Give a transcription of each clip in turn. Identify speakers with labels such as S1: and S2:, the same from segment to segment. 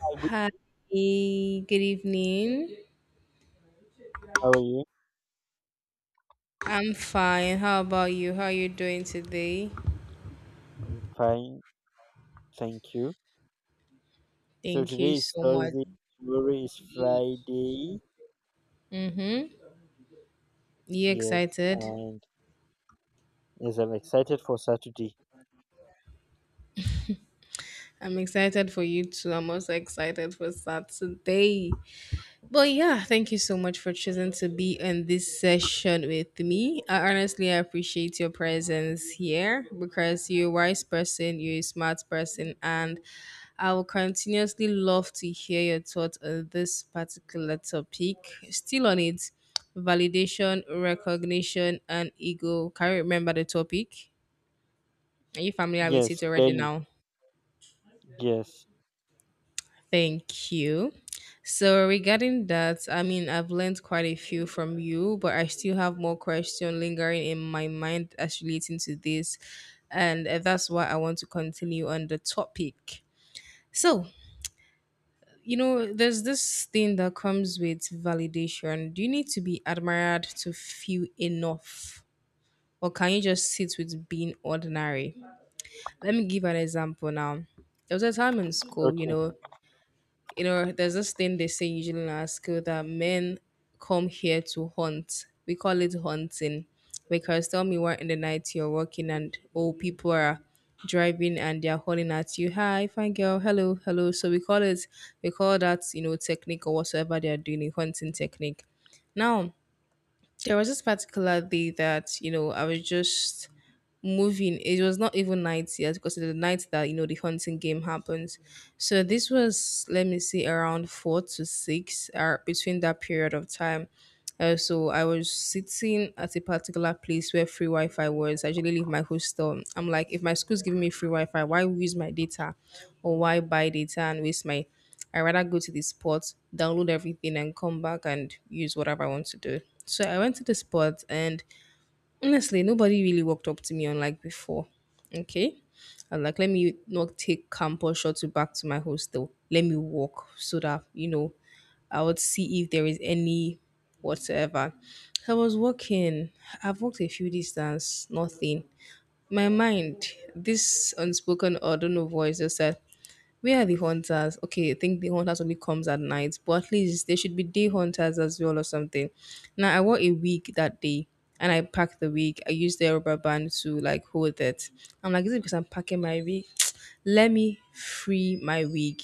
S1: Hi, good.
S2: Hi, good evening.
S1: How are you?
S2: I'm fine. How about you? How are you doing today?
S1: I'm fine, thank you. So
S2: Thank you
S1: today is
S2: so much.
S1: Thursday, tomorrow is Friday.
S2: Mm-hmm. You
S1: Yes,
S2: excited?
S1: and yes, I'm excited for Saturday.
S2: I'm excited for you too. I'm also excited for Saturday. But yeah, thank you so much for choosing to be in this session with me. I honestly appreciate your presence here because you're a wise person, you're a smart person, and I will continuously love to hear your thoughts on this particular topic. Still on it, validation, recognition, and ego. Can you remember the topic? Are you familiar with
S1: Yes,
S2: it already
S1: clearly.
S2: now?
S1: Yes.
S2: Thank you. So regarding that, I mean, I've learned quite a few from you, but I still have more questions lingering in my mind as relating to this, and that's why I want to continue on the topic. So, there's this thing that comes with validation. Do you need to be admired to feel enough, or can you just sit with being ordinary? Let me give an example now, there was a time in school,
S1: Okay.
S2: there's this thing they say usually in our school that men come here to hunt. We call it hunting. Because tell me, what in the night you're walking and old people are driving and they're hollering at you, hi, fine girl, hello, hello. So we call that, technique or whatsoever they are doing, a hunting technique. Now, there was this particular day that, I was just moving. It was not even night yet, because it's the night that you know the hunting game happens. So this was, let me see, around four to six or between that period of time. So I was sitting at a particular place where free Wi-Fi was. I usually leave my hostel. I'm like, if my school's giving me free Wi-Fi, why use my data, or why buy data and waste my? I rather go to the spot, download everything, and come back and use whatever I want to do. So I went to the spot and honestly, nobody really walked up to me unlike before. Okay? I'm like, let me not take campus shuttle back to my hostel. Let me walk so that, I would see if there is any whatsoever. So I was walking. I've walked a few distance, nothing. My mind, this unspoken or don't know voice just said, where are the hunters? Okay, I think the hunters only comes at night, but at least there should be day hunters as well or something. Now I wore a wig that day and I packed the wig. I used the rubber band to like hold it. I'm like, is it because I'm packing my wig? Let me free my wig.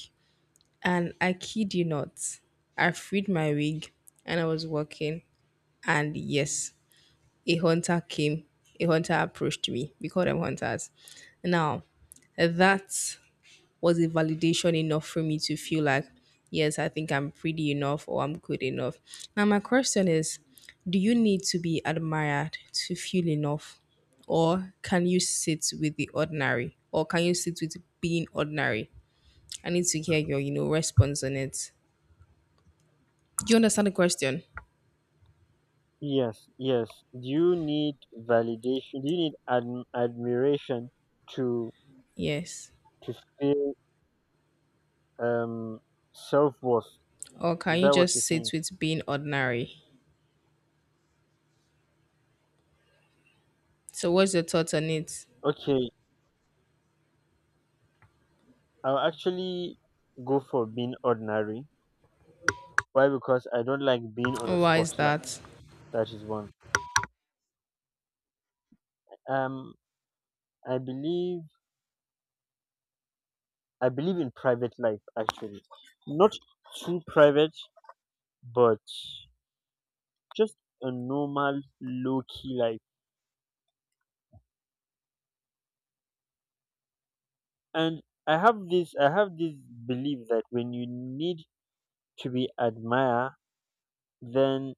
S2: And I kid you not, I freed my wig and I was walking. And yes, a hunter came. A hunter approached me. We call them hunters. Now, that, was it validation enough for me to feel like, yes, I think I'm pretty enough or I'm good enough? Now, my question is, do you need to be admired to feel enough? Or can you sit with the ordinary? Or can you sit with being ordinary? I need to hear your, response on it. Do you understand the question?
S1: Yes, yes. Do you need validation? Do you need admiration to
S2: Yes.
S1: to feel um self-worth?
S2: Or
S1: Is
S2: can you
S1: that what you're
S2: just sit
S1: saying?
S2: with being ordinary? So what's your thoughts on it?
S1: Okay, I'll actually go for being ordinary. Why? Because I don't like being on a
S2: Why is
S1: spotlight.
S2: that?
S1: That is one. Um, I believe I believe in private life actually, not too private, but just a normal low key life. And I have this belief that when you need to be admired, then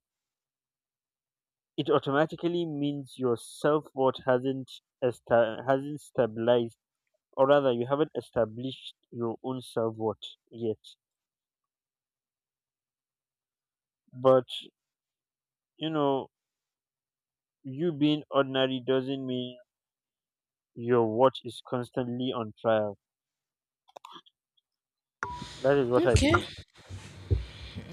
S1: it automatically means your self worth hasn't hasn't stabilized, or rather, you haven't established your own self worth yet. But you know, you being ordinary doesn't mean your watch is constantly on trial. That is what I
S2: Okay.
S1: believe.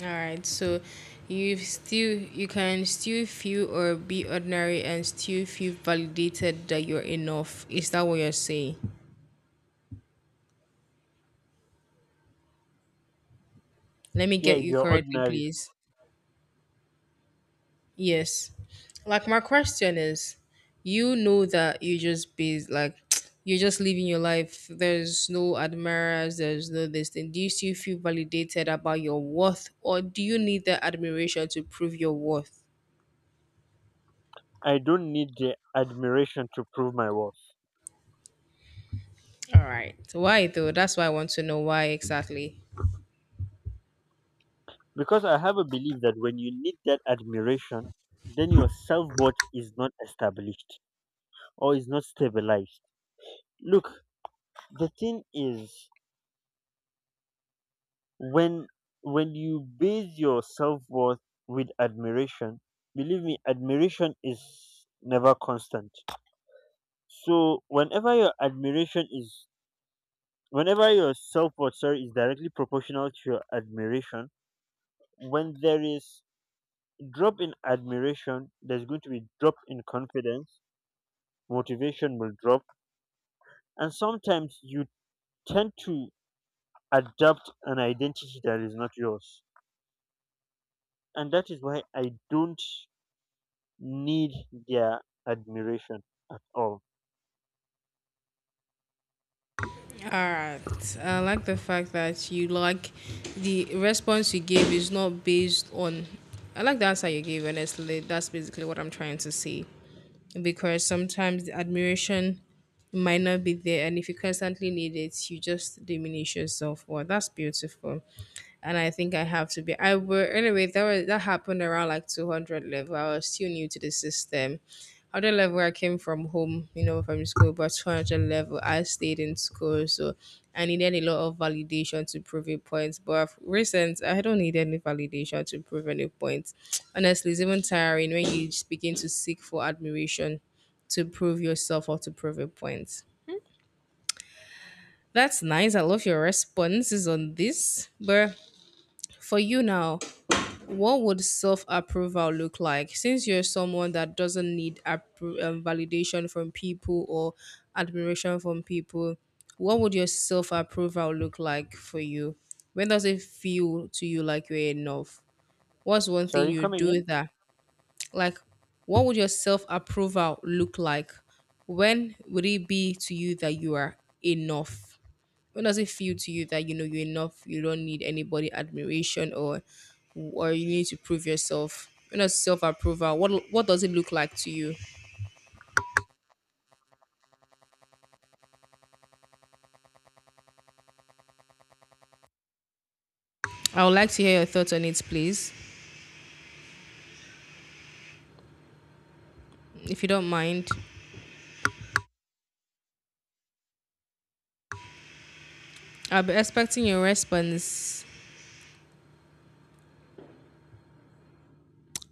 S2: All right, so you can still feel or be ordinary and still feel validated that you're enough. Is that what you're saying? Let me
S1: Yeah,
S2: get
S1: if
S2: you
S1: you're
S2: correctly,
S1: ordinary,
S2: please. Yes. Like my question is, you know that you just be like, you're just living your life. There's no admirers, there's no this thing. Do you still feel validated about your worth or do you need the admiration to prove your worth?
S1: I don't need the admiration to prove my worth.
S2: All right. Why though? That's why I want to know why exactly.
S1: Because I have a belief that when you need that admiration, then your self worth is not established or is not stabilized. Look, the thing is when when you base your self worth with admiration, believe me, admiration is never constant. So whenever your admiration is whenever your self worth, sorry, is directly proportional to your admiration, when there is drop in admiration, there's going to be drop in confidence, motivation will drop, and sometimes you tend to adopt an identity that is not yours. And that is why I don't need their admiration at all.
S2: All right. I like the fact that you like the response you gave is not based on. I like the answer you gave, honestly. That's basically what I'm trying to say. Because sometimes the admiration might not be there, and if you constantly need it, you just diminish yourself. Well, that's beautiful and I think I have to be. I were anyway. That was that happened around like 200 level. I was still new to the system. 100 level, I came from home, from school. But 200 level, I stayed in school, so I needed a lot of validation to prove a point. But of recent, I don't need any validation to prove any point. Honestly, it's even tiring when you begin to seek for admiration to prove yourself or to prove a point. That's nice. I love your responses on this. But for you now, what would self approval look like? Since you're someone that doesn't need validation from people or admiration from people, what would your self approval look like for you? When does it feel to you like you're enough? What's one thing
S1: Sorry,
S2: you
S1: come
S2: do
S1: again.
S2: that, like, what would your self approval look like? When would it be to you that you are enough? When does it feel to you that you know you're enough, you don't need anybody admiration, or you need to prove yourself? When does self-approval, what does it look like to you? I would like to hear your thoughts on it, please, if you don't mind. I'll be expecting your response.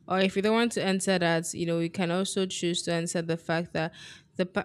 S2: Or if you don't want to answer that, you know, you can also choose to answer the fact that the pa-